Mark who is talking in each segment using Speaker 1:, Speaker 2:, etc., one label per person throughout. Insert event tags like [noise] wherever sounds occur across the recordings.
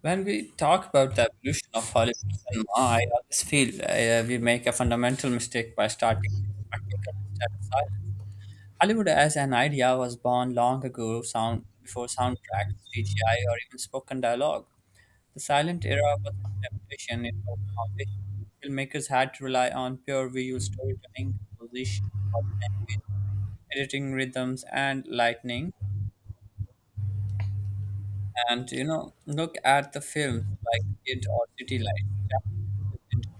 Speaker 1: When we talk about the evolution of Hollywood cinema, I always feel we make a fundamental mistake by starting with spectacle instead of silent. Hollywood as an idea was born long ago, sound before soundtracks, CGI, or even spoken dialogue. The silent era wasn't a limitation; it was a foundation. Filmmakers had to rely on pure visual storytelling, composition, body language, editing rhythms, and lightning. Look at the films like Kid or City Lights.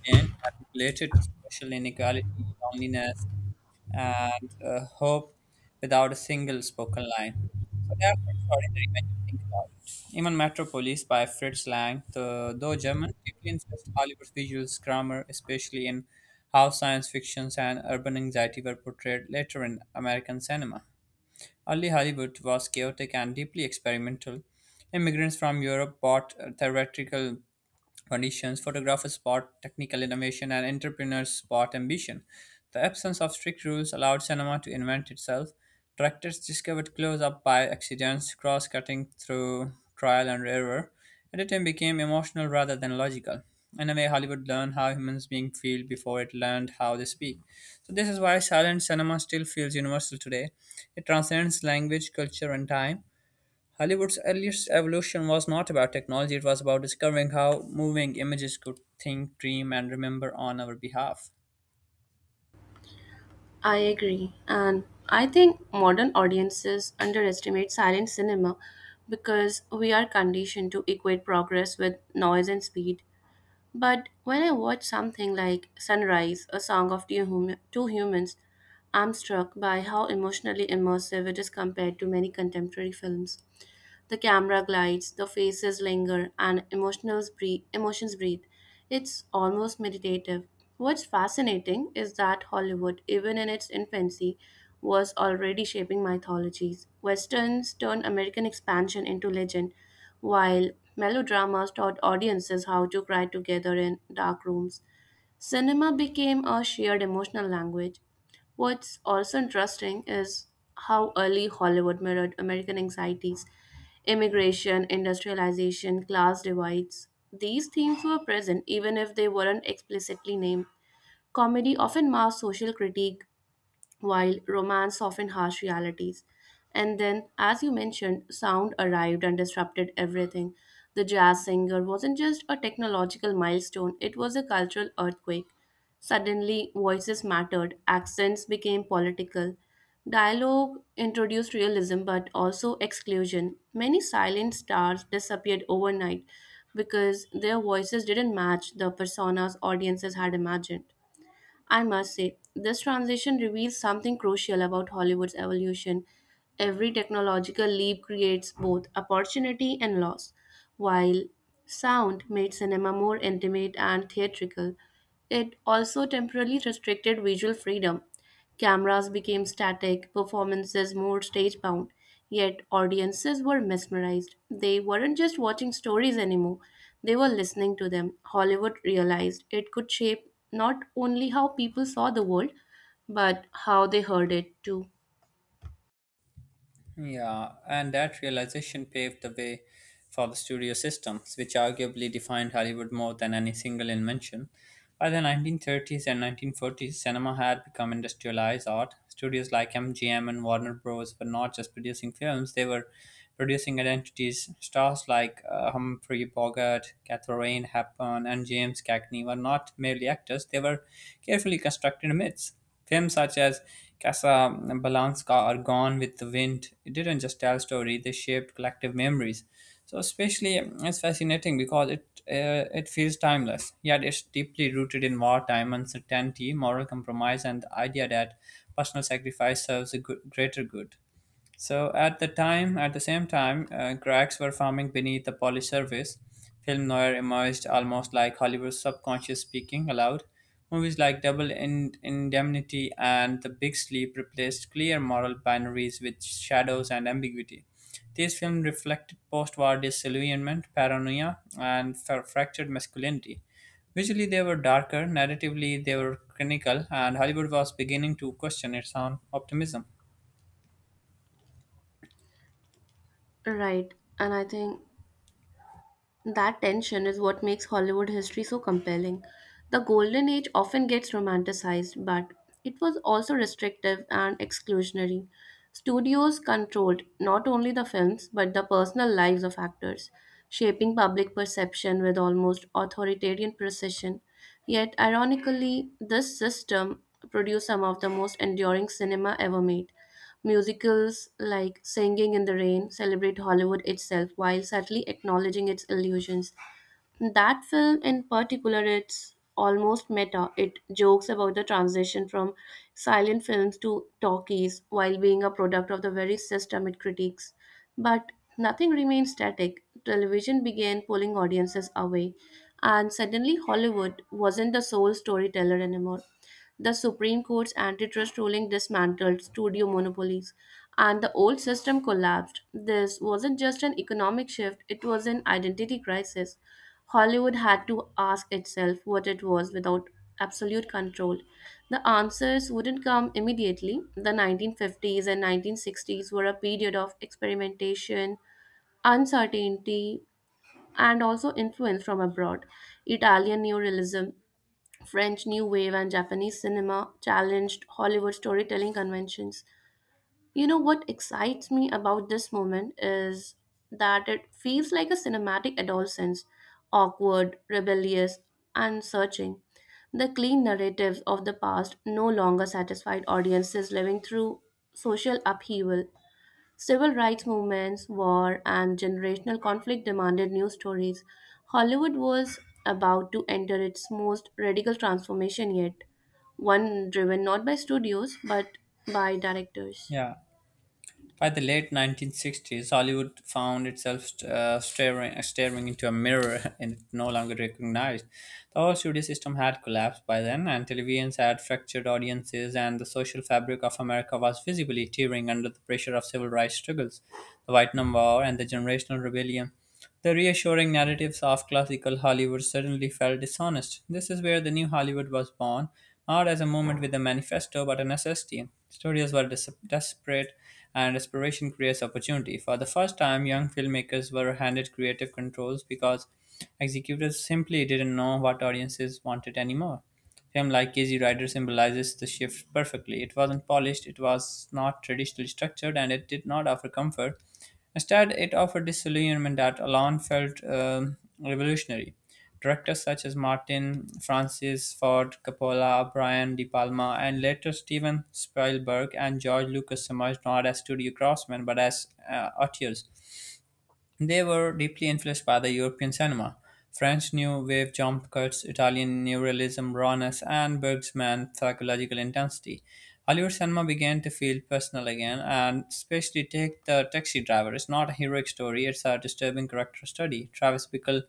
Speaker 1: Entertain and related to social inequality, loneliness, and hope without a single spoken line. So they are extraordinary when you think about it. Even Metropolis by Fritz Lang, though German, deeply influenced Hollywood's visual grammar, especially in how science fictions and urban anxiety were portrayed later in American cinema. Early Hollywood was chaotic and deeply experimental. Immigrants from Europe brought theatrical conditions, photographers spot technical innovation, and entrepreneurs spot ambition. The absence of strict rules allowed cinema to invent itself. Directors discovered close up by accidents, cross cutting through trial and error. Editing became emotional rather than logical. In a way, Hollywood learned how humans being feel before it learned how they speak. So this is why silent cinema still feels universal today. It transcends language, culture, and time. Hollywood's earliest evolution was not about technology, it was about discovering how moving images could think, dream, and remember on our behalf.
Speaker 2: I agree. And I think modern audiences underestimate silent cinema because we are conditioned to equate progress with noise and speed. But when I watch something like Sunrise, a song of two, two humans, I'm struck by how emotionally immersive it is compared to many contemporary films. The camera glides, the faces linger, and emotions breathe. It's almost meditative. What's fascinating is that Hollywood, even in its infancy, was already shaping mythologies. Westerns turned American expansion into legend, while melodramas taught audiences how to cry together in dark rooms. Cinema became a shared emotional language. What's also interesting is how early Hollywood mirrored American anxieties, immigration, industrialization, class divides. These themes were present even if they weren't explicitly named. Comedy often masked social critique while romance often harsh realities. And then, as you mentioned, sound arrived and disrupted everything. The Jazz Singer wasn't just a technological milestone, it was a cultural earthquake. Suddenly, voices mattered, accents became political. Dialogue introduced realism but also exclusion. Many silent stars disappeared overnight because their voices didn't match the personas audiences had imagined. I must say, this transition reveals something crucial about Hollywood's evolution. Every technological leap creates both opportunity and loss. While sound made cinema more intimate and theatrical, it also temporarily restricted visual freedom. Cameras became static, performances more stage bound, yet audiences were mesmerized. They weren't just watching stories anymore, they were listening to them. Hollywood realized it could shape not only how people saw the world, but how they heard it too.
Speaker 1: Yeah, and that realization paved the way for the studio systems, which arguably defined Hollywood more than any single invention. By the 1930s and 1940s, cinema had become industrialized art. Studios like MGM and Warner Bros. Were not just producing films, they were producing identities. Stars like Humphrey Bogart, Katharine Hepburn, and James Cagney were not merely actors, they were carefully constructed myths. Films such as Casablanca or Gone with the Wind didn't just tell story; they shaped collective memories. So, especially, it's fascinating because it feels timeless, yet it's deeply rooted in wartime uncertainty, moral compromise, and the idea that personal sacrifice serves a good, greater good. So at the same time, cracks were forming beneath the polished surface. Film noir emerged almost like Hollywood's subconscious speaking aloud. Movies like Indemnity and The Big Sleep replaced clear moral binaries with shadows and ambiguity. These films reflected post-war disillusionment, paranoia, and fractured masculinity. Visually, they were darker. Narratively, they were clinical, and Hollywood was beginning to question its own optimism.
Speaker 2: Right, and I think that tension is what makes Hollywood history so compelling. The Golden Age often gets romanticized, but it was also restrictive and exclusionary. Studios controlled not only the films but the personal lives of actors, shaping public perception with almost authoritarian precision. Yet, ironically, this system produced some of the most enduring cinema ever made. Musicals like Singing in the Rain celebrate Hollywood itself while subtly acknowledging its illusions. That film, in particular, it's almost meta. It jokes about the transition from silent films to talkies while being a product of the very system it critiques. But nothing remained static. Television began pulling audiences away, and suddenly Hollywood wasn't the sole storyteller anymore. The Supreme Court's antitrust ruling dismantled studio monopolies, and the old system collapsed. This wasn't just an economic shift, it was an identity crisis. Hollywood had to ask itself what it was without absolute control. The answers wouldn't come immediately. The 1950s and 1960s were a period of experimentation, uncertainty, and also influence from abroad. Italian neorealism, French New Wave, and Japanese cinema challenged Hollywood storytelling conventions. You know what excites me about this moment is that it feels like a cinematic adolescence, awkward, rebellious, and searching. The clean narratives of the past no longer satisfied audiences living through social upheaval. Civil rights movements, war, and generational conflict demanded new stories. Hollywood was about to enter its most radical transformation yet, one driven not by studios but by directors.
Speaker 1: Yeah. By the late 1960s, Hollywood found itself staring into a mirror [laughs] and it no longer recognized. The whole studio system had collapsed by then, and televisions had fractured audiences, and the social fabric of America was visibly tearing under the pressure of civil rights struggles, the white number, and the generational rebellion. The reassuring narratives of classical Hollywood suddenly felt dishonest. This is where the new Hollywood was born, not as a movement with a manifesto, but a necessity. Studios were desperate, and desperation creates opportunity. For the first time, young filmmakers were handed creative controls because executives simply didn't know what audiences wanted anymore. Film like Easy Rider symbolizes the shift perfectly. It wasn't polished, it was not traditionally structured, and it did not offer comfort. Instead, it offered disillusionment that alone felt revolutionary. Directors such as Martin, Francis Ford Coppola, Brian De Palma, and later Steven Spielberg and George Lucas emerged not as studio craftsmen but as auteurs. They were deeply influenced by the European cinema, French New Wave jump cuts, Italian neorealism rawness, and Bergman's psychological intensity. Hollywood cinema began to feel personal again, and especially take the Taxi Driver. It's not a heroic story, it's a disturbing character study. Travis Bickle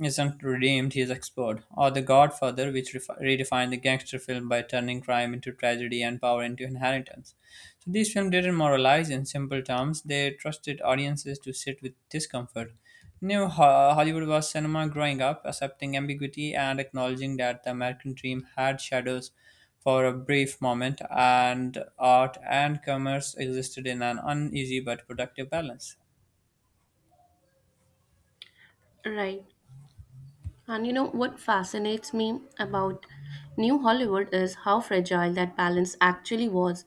Speaker 1: isn't redeemed, he is explored, or The Godfather, which redefined the gangster film by turning crime into tragedy and power into inheritance. So these films didn't moralize in simple terms; they trusted audiences to sit with discomfort. Hollywood was cinema growing up, accepting ambiguity and acknowledging that the American dream had shadows for a brief moment, and art and commerce existed in an uneasy but productive balance.
Speaker 2: Right. And you know what fascinates me about New Hollywood is how fragile that balance actually was.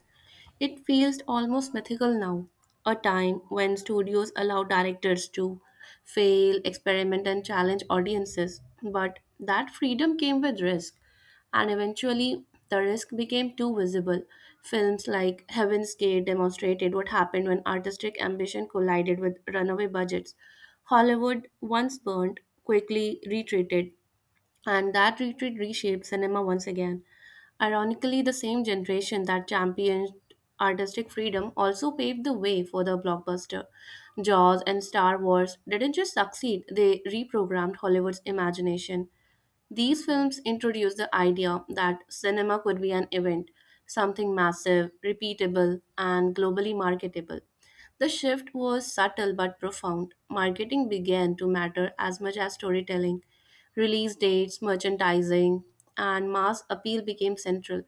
Speaker 2: It feels almost mythical now, a time when studios allow directors to fail, experiment, and challenge audiences. But that freedom came with risk, and eventually the risk became too visible. Films like Heaven's Gate demonstrated what happened when artistic ambition collided with runaway budgets. Hollywood, once burned, quickly retreated, and that retreat reshaped cinema once again. Ironically, the same generation that championed artistic freedom also paved the way for the blockbuster. Jaws and Star Wars didn't just succeed, they reprogrammed Hollywood's imagination. These films introduced the idea that cinema could be an event, something massive, repeatable, and globally marketable. The shift was subtle but profound. Marketing began to matter as much as storytelling. Release dates, merchandising, and mass appeal became central.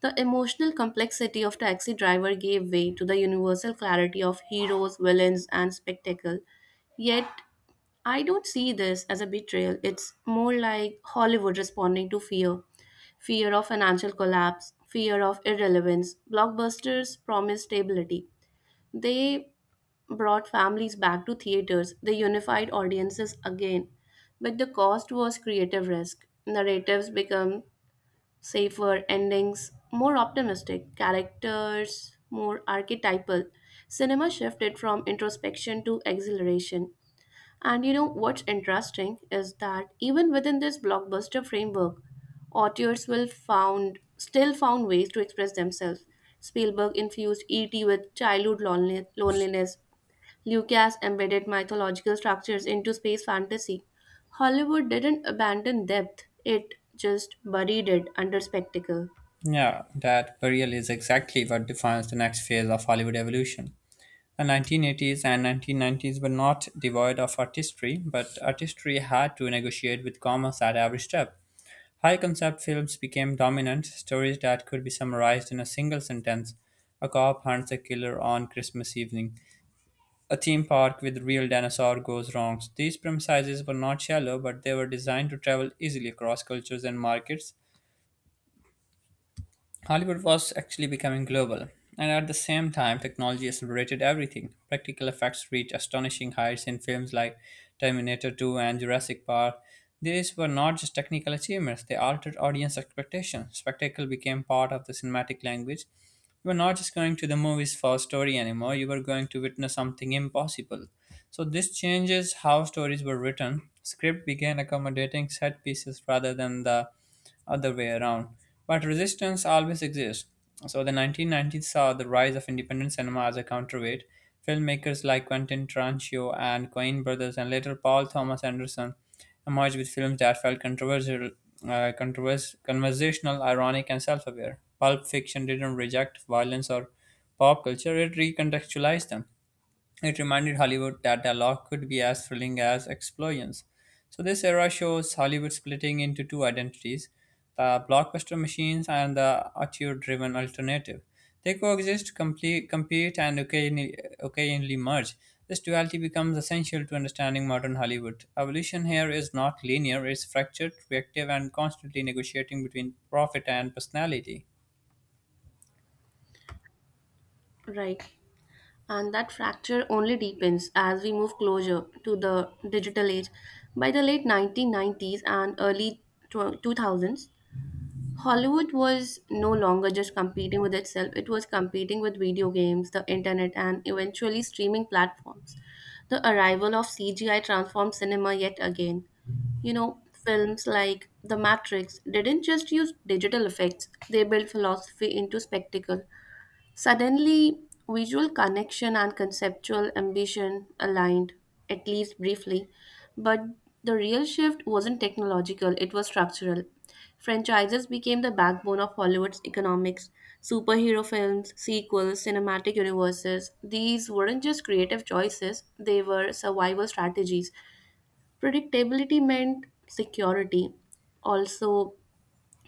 Speaker 2: The emotional complexity of Taxi Driver gave way to the universal clarity of heroes, villains, and spectacle. Yet I don't see this as a betrayal. It's more like Hollywood responding to fear, fear of financial collapse, fear of irrelevance. Blockbusters promised stability. They brought families back to theaters, they unified audiences again. But the cost was creative risk. Narratives become safer, endings more optimistic, characters more archetypal. Cinema shifted from introspection to exhilaration. And you know what's interesting is that even within this blockbuster framework, auteurs will found still found ways to express themselves. Spielberg infused E.T. with childhood loneliness. Lucas embedded mythological structures into space fantasy. Hollywood didn't abandon depth; it just buried it under spectacle.
Speaker 1: Yeah, that burial is exactly what defines the next phase of Hollywood evolution. The 1980s and 1990s were not devoid of artistry, but artistry had to negotiate with commerce at every step. High concept films became dominant, stories that could be summarized in a single sentence: a cop hunts a killer on Christmas evening, a theme park with real dinosaur goes wrong. These premises were not shallow, but they were designed to travel easily across cultures and markets. Hollywood was actually becoming global, and at the same time, technology accelerated everything. Practical effects reached astonishing heights in films like Terminator 2 and Jurassic Park. These were not just technical achievements, they altered audience expectations. Spectacle became part of the cinematic language. You were not just going to the movies for a story anymore, you were going to witness something impossible. So, this changes how stories were written. Script began accommodating set pieces rather than the other way around. But resistance always exists. So the 1990s saw the rise of independent cinema as a counterweight. Filmmakers like Quentin Tarantino and Coen Brothers and later Paul Thomas Anderson emerged with films that felt controversial, conversational, ironic, and self-aware. Pulp Fiction didn't reject violence or pop culture; it recontextualized them. It reminded Hollywood that dialogue could be as thrilling as explosions. So, this era shows Hollywood splitting into two identities: the blockbuster machines and the auteur driven alternative. They coexist, compete, and occasionally merge. This duality becomes essential to understanding modern Hollywood. Evolution here is not linear, it's fractured, reactive, and constantly negotiating between profit and personality.
Speaker 2: Right. And that fracture only deepens as we move closer to the digital age. By the late 1990s and early 2000s, Hollywood was no longer just competing with itself, it was competing with video games, the internet, and eventually streaming platforms. The arrival of CGI transformed cinema yet again. You know, films like The Matrix didn't just use digital effects, they built philosophy into spectacle. Suddenly, visual connection and conceptual ambition aligned, at least briefly, but the real shift wasn't technological, it was structural. Franchises became the backbone of Hollywood's economics. Superhero films, sequels, cinematic universes, these weren't just creative choices, they were survival strategies. Predictability meant security. Also,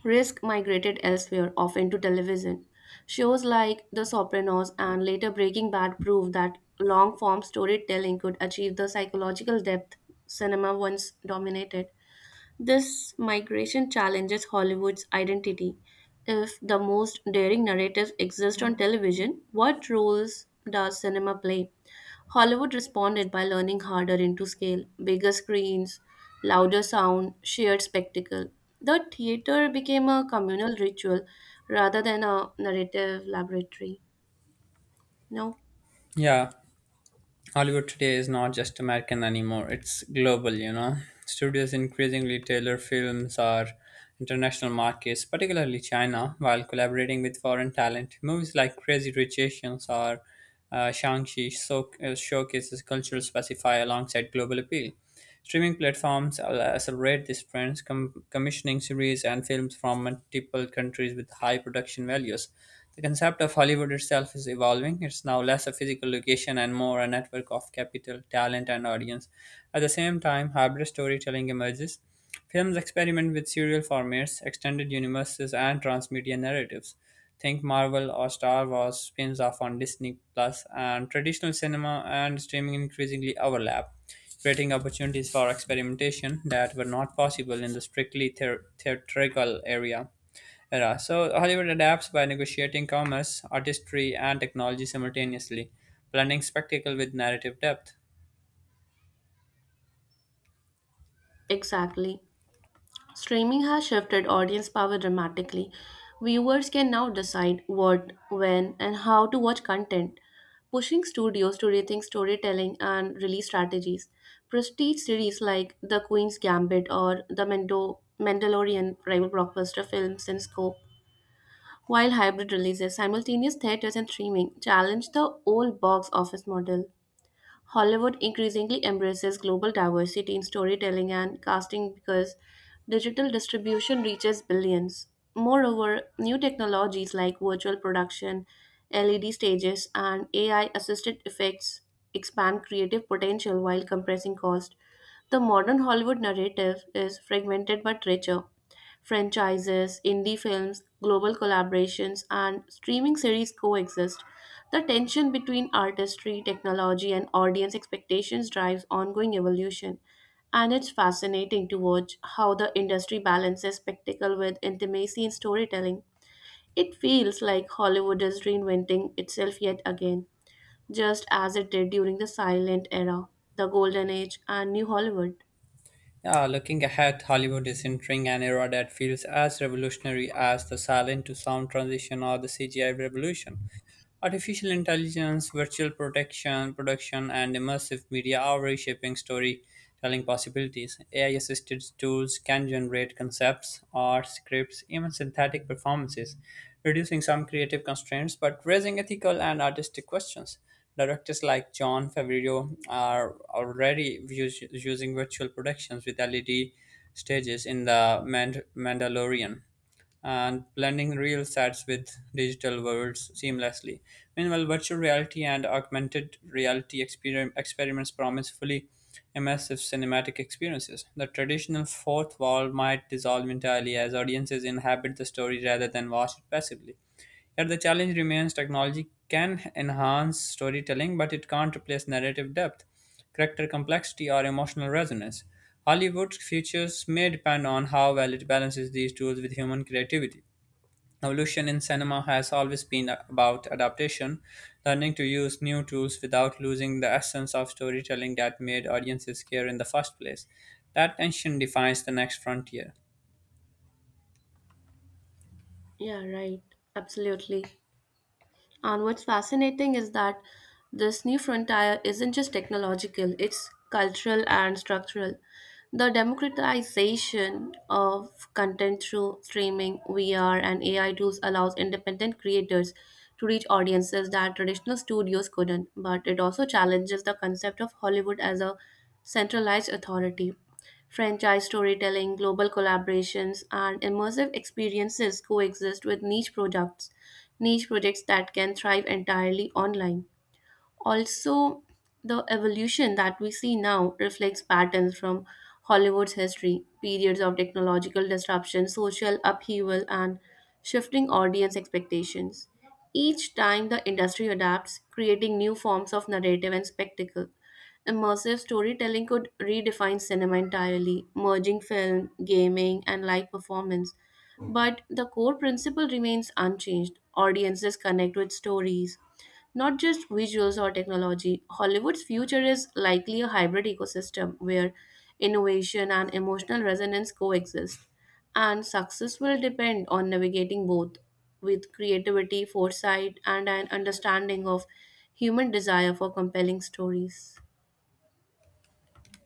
Speaker 2: risk migrated elsewhere, often to television. Shows like The Sopranos and later Breaking Bad proved that long form storytelling could achieve the psychological depth cinema once dominated. This migration challenges Hollywood's identity. If the most daring narratives exist on television, what roles does cinema play? Hollywood responded by leaning harder into scale, bigger screens, louder sound, shared spectacle. The theater became a communal ritual rather than a narrative laboratory. No,
Speaker 1: Yeah, Hollywood today is not just American anymore, it's global, you know. Studios increasingly tailor films or international markets, particularly China, while collaborating with foreign talent. Movies like Crazy Rich Asians or Shang-Chi so, showcases cultural specify alongside global appeal. Streaming platforms will accelerate this trend, commissioning series and films from multiple countries with high production values. The concept of Hollywood itself is evolving. It's now less a physical location and more a network of capital, talent, and audience. At the same time, hybrid storytelling emerges. Films experiment with serial formats, extended universes, and transmedia narratives. Think Marvel or Star Wars spins off on Disney Plus, and traditional cinema and streaming increasingly overlap, creating opportunities for experimentation that were not possible in the strictly theatrical area era. So Hollywood adapts by negotiating commerce, artistry, and technology simultaneously, blending spectacle with narrative depth.
Speaker 2: exactly. Streaming has shifted audience power dramatically. Viewers can now decide what, when, and how to watch content, pushing studios to rethink storytelling and release strategies. Prestige series like The Queen's Gambit or The Mandalorian rival blockbuster films in scope, while hybrid releases, simultaneous theaters, and streaming challenge the old box office model. Hollywood increasingly embraces global diversity in storytelling and casting because digital distribution reaches billions. Moreover, new technologies like virtual production, LED stages, and AI assisted effects expand creative potential while compressing cost. The modern Hollywood narrative is fragmented but richer. Franchises, indie films, global collaborations, and streaming series coexist, the tension between artistry, technology, and audience expectations drives ongoing evolution, and it's fascinating to watch how the industry balances spectacle with intimacy in storytelling. It feels like Hollywood is reinventing itself yet again, just as it did during the silent era, the Golden Age, and New Hollywood.
Speaker 1: Yeah, looking ahead, Hollywood is entering an era that feels as revolutionary as the silent to sound transition or the CGI revolution. Artificial intelligence, virtual protection, production, and immersive media are reshaping storytelling possibilities. AI assisted tools can generate concepts, art, scripts, even synthetic performances, reducing some creative constraints but raising ethical and artistic questions. Directors like John Favreau are already using virtual productions with LED stages in Mandalorian and blending real sets with digital worlds seamlessly. Meanwhile, virtual reality and augmented reality experiments promise fully immersive cinematic experiences. The traditional fourth wall might dissolve entirely as audiences inhabit the story rather than watch it passively. Yet the challenge remains: technology can enhance storytelling, but it can't replace narrative depth, character complexity, or emotional resonance. Hollywood's futures may depend on how well it balances these tools with human creativity. Evolution in cinema has always been about adaptation, learning to use new tools without losing the essence of storytelling that made audiences care in the first place. That tension defines the next frontier.
Speaker 2: Yeah, right. Absolutely. And what's fascinating is that this new frontier isn't just technological, it's cultural and structural. The democratization of content through streaming, VR, and AI tools allows independent creators to reach audiences that traditional studios couldn't, but it also challenges the concept of Hollywood as a centralized authority. Franchise storytelling, global collaborations, and immersive experiences coexist with niche projects that can thrive entirely online. Also, the evolution that we see now reflects patterns from Hollywood's history, periods of technological disruption, social upheaval, and shifting audience expectations. Each time the industry adapts, creating new forms of narrative and spectacle. Immersive storytelling could redefine cinema entirely, merging film, gaming, and live performance. But the core principle remains unchanged. Audiences connect with stories, not just visuals or technology. Hollywood's future is likely a hybrid ecosystem where innovation and emotional resonance coexist, and success will depend on navigating both with creativity, foresight, and an understanding of human desire for compelling stories.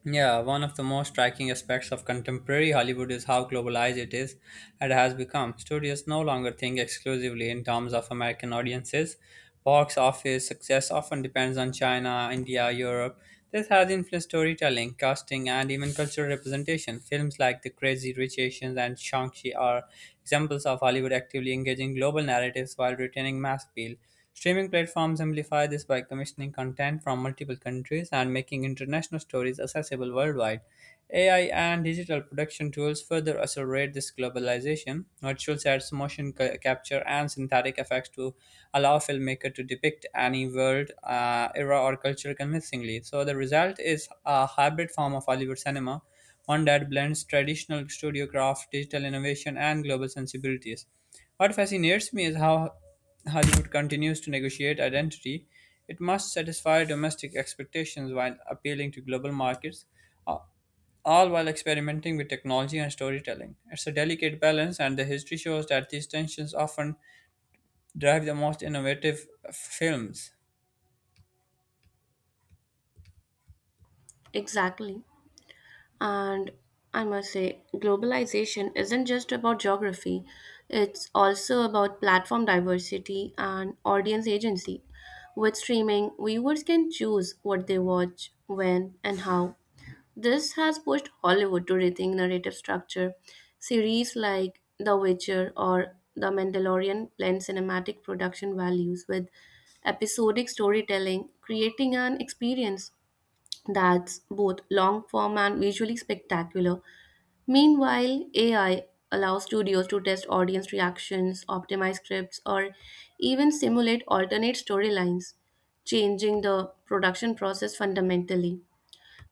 Speaker 1: Yeah, one of the most striking aspects of contemporary Hollywood is how globalized it is and has become. Studios no longer think exclusively in terms of American audiences. Box office success often depends on China, India, Europe. This has influenced storytelling, casting, and even cultural representation. Films like The Crazy Rich Asians and Shang-Chi are examples of Hollywood actively engaging global narratives while retaining mass appeal. Streaming platforms amplify this by commissioning content from multiple countries and making international stories accessible worldwide. AI and digital production tools further accelerate this globalization. Virtual sets, capture, and synthetic effects to allow filmmakers to depict any world, era, or culture convincingly. So the result is a hybrid form of Hollywood cinema, one that blends traditional studio craft, digital innovation, and global sensibilities. What fascinates me is how Hollywood continues to negotiate identity. It must satisfy domestic expectations while appealing to global markets, a- all while experimenting with technology and storytelling. It's a delicate balance, and the history shows that these tensions often drive the most innovative films.
Speaker 2: Exactly. And I must say, globalization isn't just about geography, it's also about platform diversity and audience agency. With streaming, viewers can choose what they watch, when, and how. This has pushed Hollywood to rethink narrative structure. Series like The Witcher or The Mandalorian blend cinematic production values with episodic storytelling, creating an experience that's both long form and visually spectacular. Meanwhile, AI allows studios to test audience reactions, optimize scripts, or even simulate alternate storylines, changing the production process fundamentally.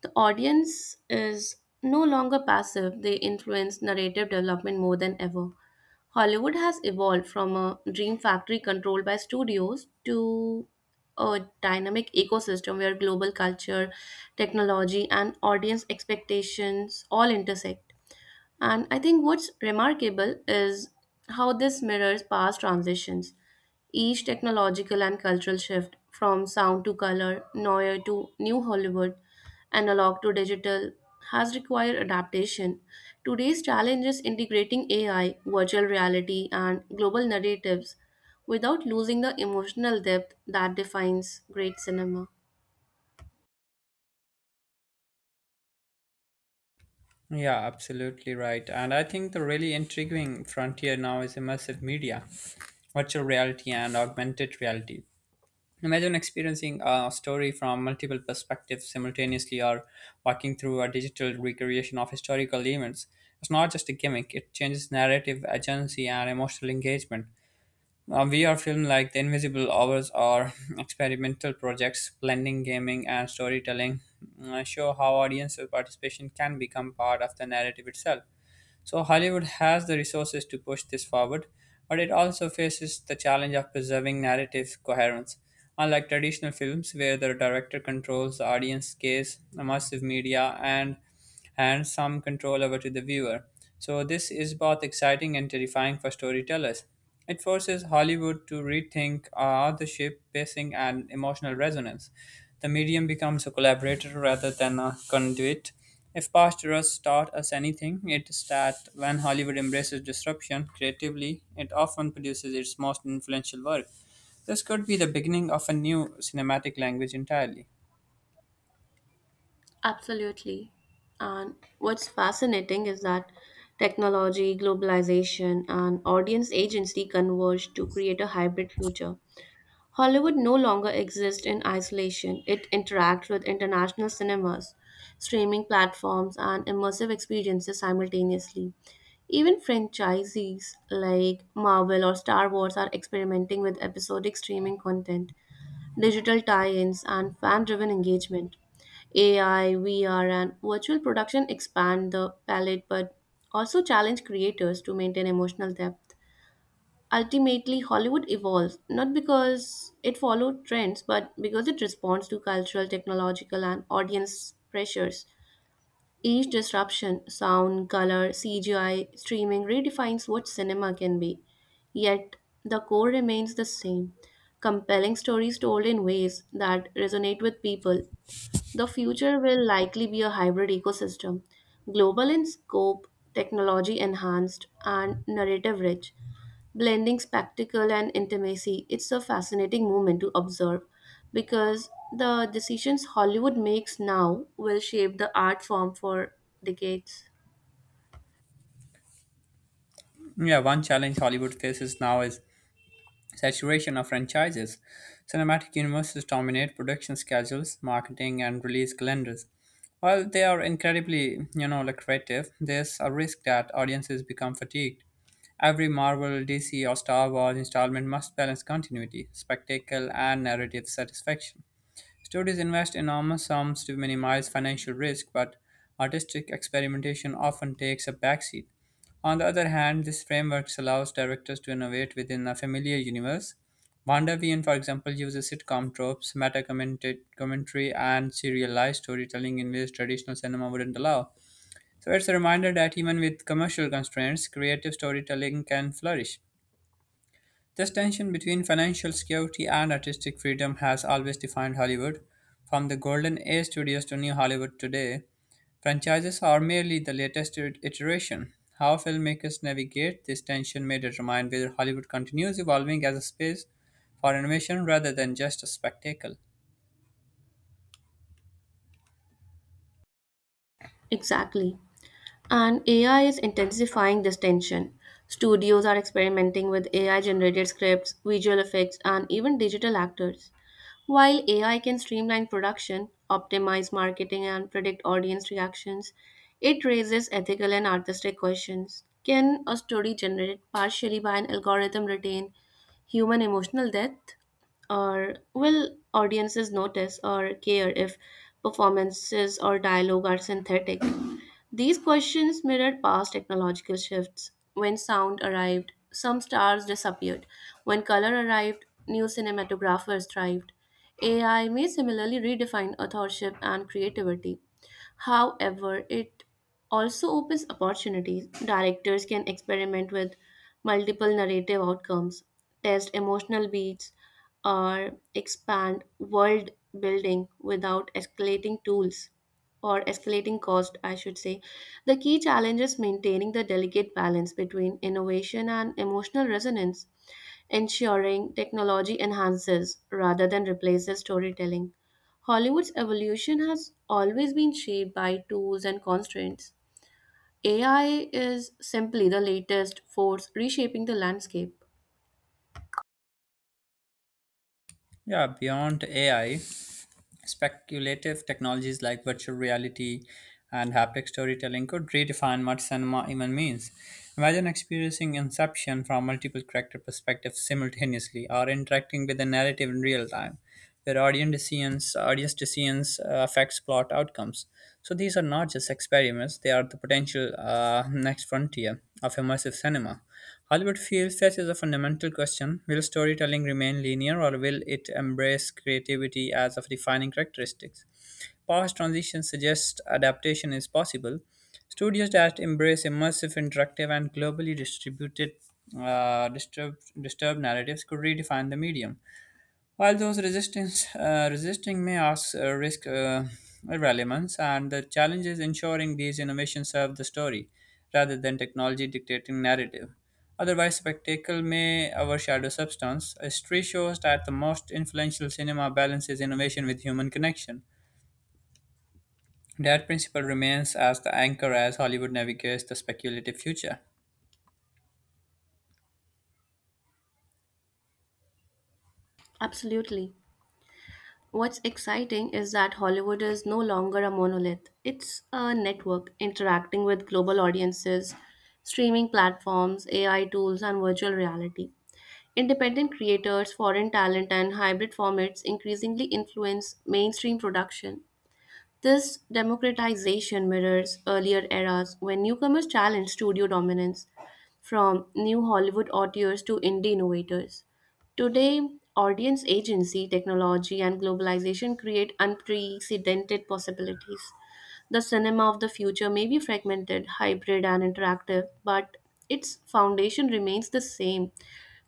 Speaker 2: The audience is no longer passive, they influence narrative development more than ever. Hollywood has evolved from a dream factory controlled by studios to a dynamic ecosystem where global culture, technology, and audience expectations all intersect. And I think what's remarkable is how this mirrors past transitions. Each technological and cultural shift, from sound to color, noir to New Hollywood, analog to digital, has required adaptation. Today's challenge is integrating AI, virtual reality, and global narratives without losing the emotional depth that defines great cinema.
Speaker 1: Yeah, absolutely right. And I think the really intriguing frontier now is immersive media, virtual reality and augmented reality. Imagine experiencing a story from multiple perspectives simultaneously or walking through a digital recreation of historical events. It's not just a gimmick, it changes narrative agency and emotional engagement. A VR film like The Invisible Hours or [laughs] experimental projects blending gaming and storytelling show how audience participation can become part of the narrative itself. So Hollywood has the resources to push this forward, but it also faces the challenge of preserving narrative coherence. Unlike traditional films, where the director controls the audience gaze, the massive media, and some control over to the viewer. So this is both exciting and terrifying for storytellers. It forces Hollywood to rethink authorship, pacing, and emotional resonance. The medium becomes a collaborator rather than a conduit. If past rusts taught us anything, it is that when Hollywood embraces disruption creatively, it often produces its most influential work. This could be the beginning of a new cinematic language entirely.
Speaker 2: Absolutely. And what's fascinating is that technology, globalization, and audience agency converge to create a hybrid future. Hollywood no longer exists in isolation, it interacts with international cinemas, streaming platforms, and immersive experiences simultaneously. Even franchises like Marvel or Star Wars are experimenting with episodic streaming content, digital tie ins, and fan driven engagement. AI, VR, and virtual production expand the palette but also challenge creators to maintain emotional depth. Ultimately, Hollywood evolves not because it followed trends but because it responds to cultural, technological, and audience pressures. Each disruption, sound, color, CGI, streaming, redefines what cinema can be. Yet, the core remains the same, compelling stories told in ways that resonate with people. The future will likely be a hybrid ecosystem, global in scope, technology enhanced, and narrative rich, blending spectacle and intimacy. It's a fascinating moment to observe because the decisions Hollywood makes now will shape the art form for decades.
Speaker 1: Yeah, one challenge Hollywood faces now is saturation of franchises. Cinematic universes dominate production schedules, marketing, and release calendars. While they are incredibly, you know, lucrative, there's a risk that audiences become fatigued. Every Marvel, DC, or Star Wars installment must balance continuity, spectacle, and narrative satisfaction. Studios invest enormous sums to minimize financial risk, but artistic experimentation often takes a backseat. On the other hand, this framework allows directors to innovate within a familiar universe. WandaVision, for example, uses sitcom tropes, meta commentary, and serialized storytelling in ways traditional cinema wouldn't allow. So it's a reminder that even with commercial constraints, creative storytelling can flourish. This tension between financial security and artistic freedom has always defined Hollywood. From the Golden Age studios to New Hollywood today, franchises are merely the latest iteration. How filmmakers navigate this tension may determine whether Hollywood continues evolving as a space for innovation rather than just a spectacle.
Speaker 2: Exactly. And AI is intensifying this tension. Studios are experimenting with AI generated scripts, visual effects, and even digital actors. While AI can streamline production, optimize marketing, and predict audience reactions, it raises ethical and artistic questions. Can a story generated partially by an algorithm retain human emotional depth? Or will audiences notice or care if performances or dialogue are synthetic? These questions mirrored past technological shifts. When sound arrived, some stars disappeared. When color arrived, new cinematographers thrived. AI may similarly redefine authorship and creativity. However, it also opens opportunities. Directors can experiment with multiple narrative outcomes, test emotional beats, or expand world building without escalating tools or escalating cost, I should say. The key challenge is maintaining the delicate balance between innovation and emotional resonance, ensuring technology enhances rather than replaces storytelling. Hollywood's evolution has always been shaped by tools and constraints. AI is simply the latest force reshaping the landscape.
Speaker 1: Yeah, beyond AI, speculative technologies like virtual reality and haptic storytelling could redefine what cinema even means. Imagine experiencing Inception from multiple character perspectives simultaneously, or interacting with the narrative in real time, where audience decisions affects plot outcomes. So these are not just experiments; they are the potential next frontier of immersive cinema. Hollywood feels faces a fundamental question: will storytelling remain linear or will it embrace creativity as a defining characteristics? Past transitions suggest adaptation is possible. Studios that embrace immersive, interactive, and globally distributed disturbed narratives could redefine the medium. While those resistance resisting may ask risk irrelevance, and the challenge is ensuring these innovations serve the story rather than technology dictating narrative. Otherwise, spectacle may overshadow substance. History shows that the most influential cinema balances innovation with human connection. That principle remains as the anchor as Hollywood navigates the speculative future.
Speaker 2: Absolutely. What's exciting is that Hollywood is no longer a monolith. It's a network interacting with global audiences, streaming platforms, AI tools, and virtual reality. Independent creators, foreign talent, and hybrid formats increasingly influence mainstream production. This democratization mirrors earlier eras when newcomers challenged studio dominance, from New Hollywood auteurs to indie innovators. Today, audience agency, technology, and globalization create unprecedented possibilities. The cinema of the future may be fragmented, hybrid, and interactive, but its foundation remains the same,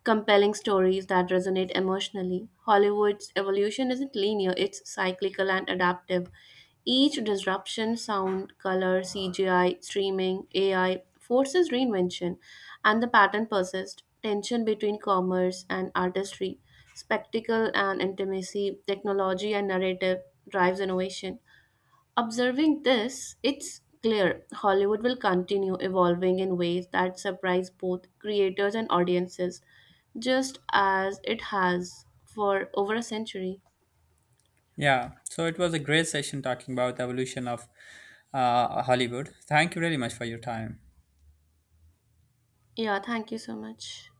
Speaker 2: compelling stories that resonate emotionally. Hollywood's evolution isn't linear, it's cyclical and adaptive. Each disruption, sound, color, CGI, streaming, AI, forces reinvention, and the pattern persists. Tension between commerce and artistry, spectacle and intimacy, technology and narrative drives innovation. Observing this, it's clear Hollywood will continue evolving in ways that surprise both creators and audiences, just as it has for over a century.
Speaker 1: Yeah, so it was a great session talking about the evolution of Hollywood. Thank you really much for your time.
Speaker 2: Yeah, thank you so much.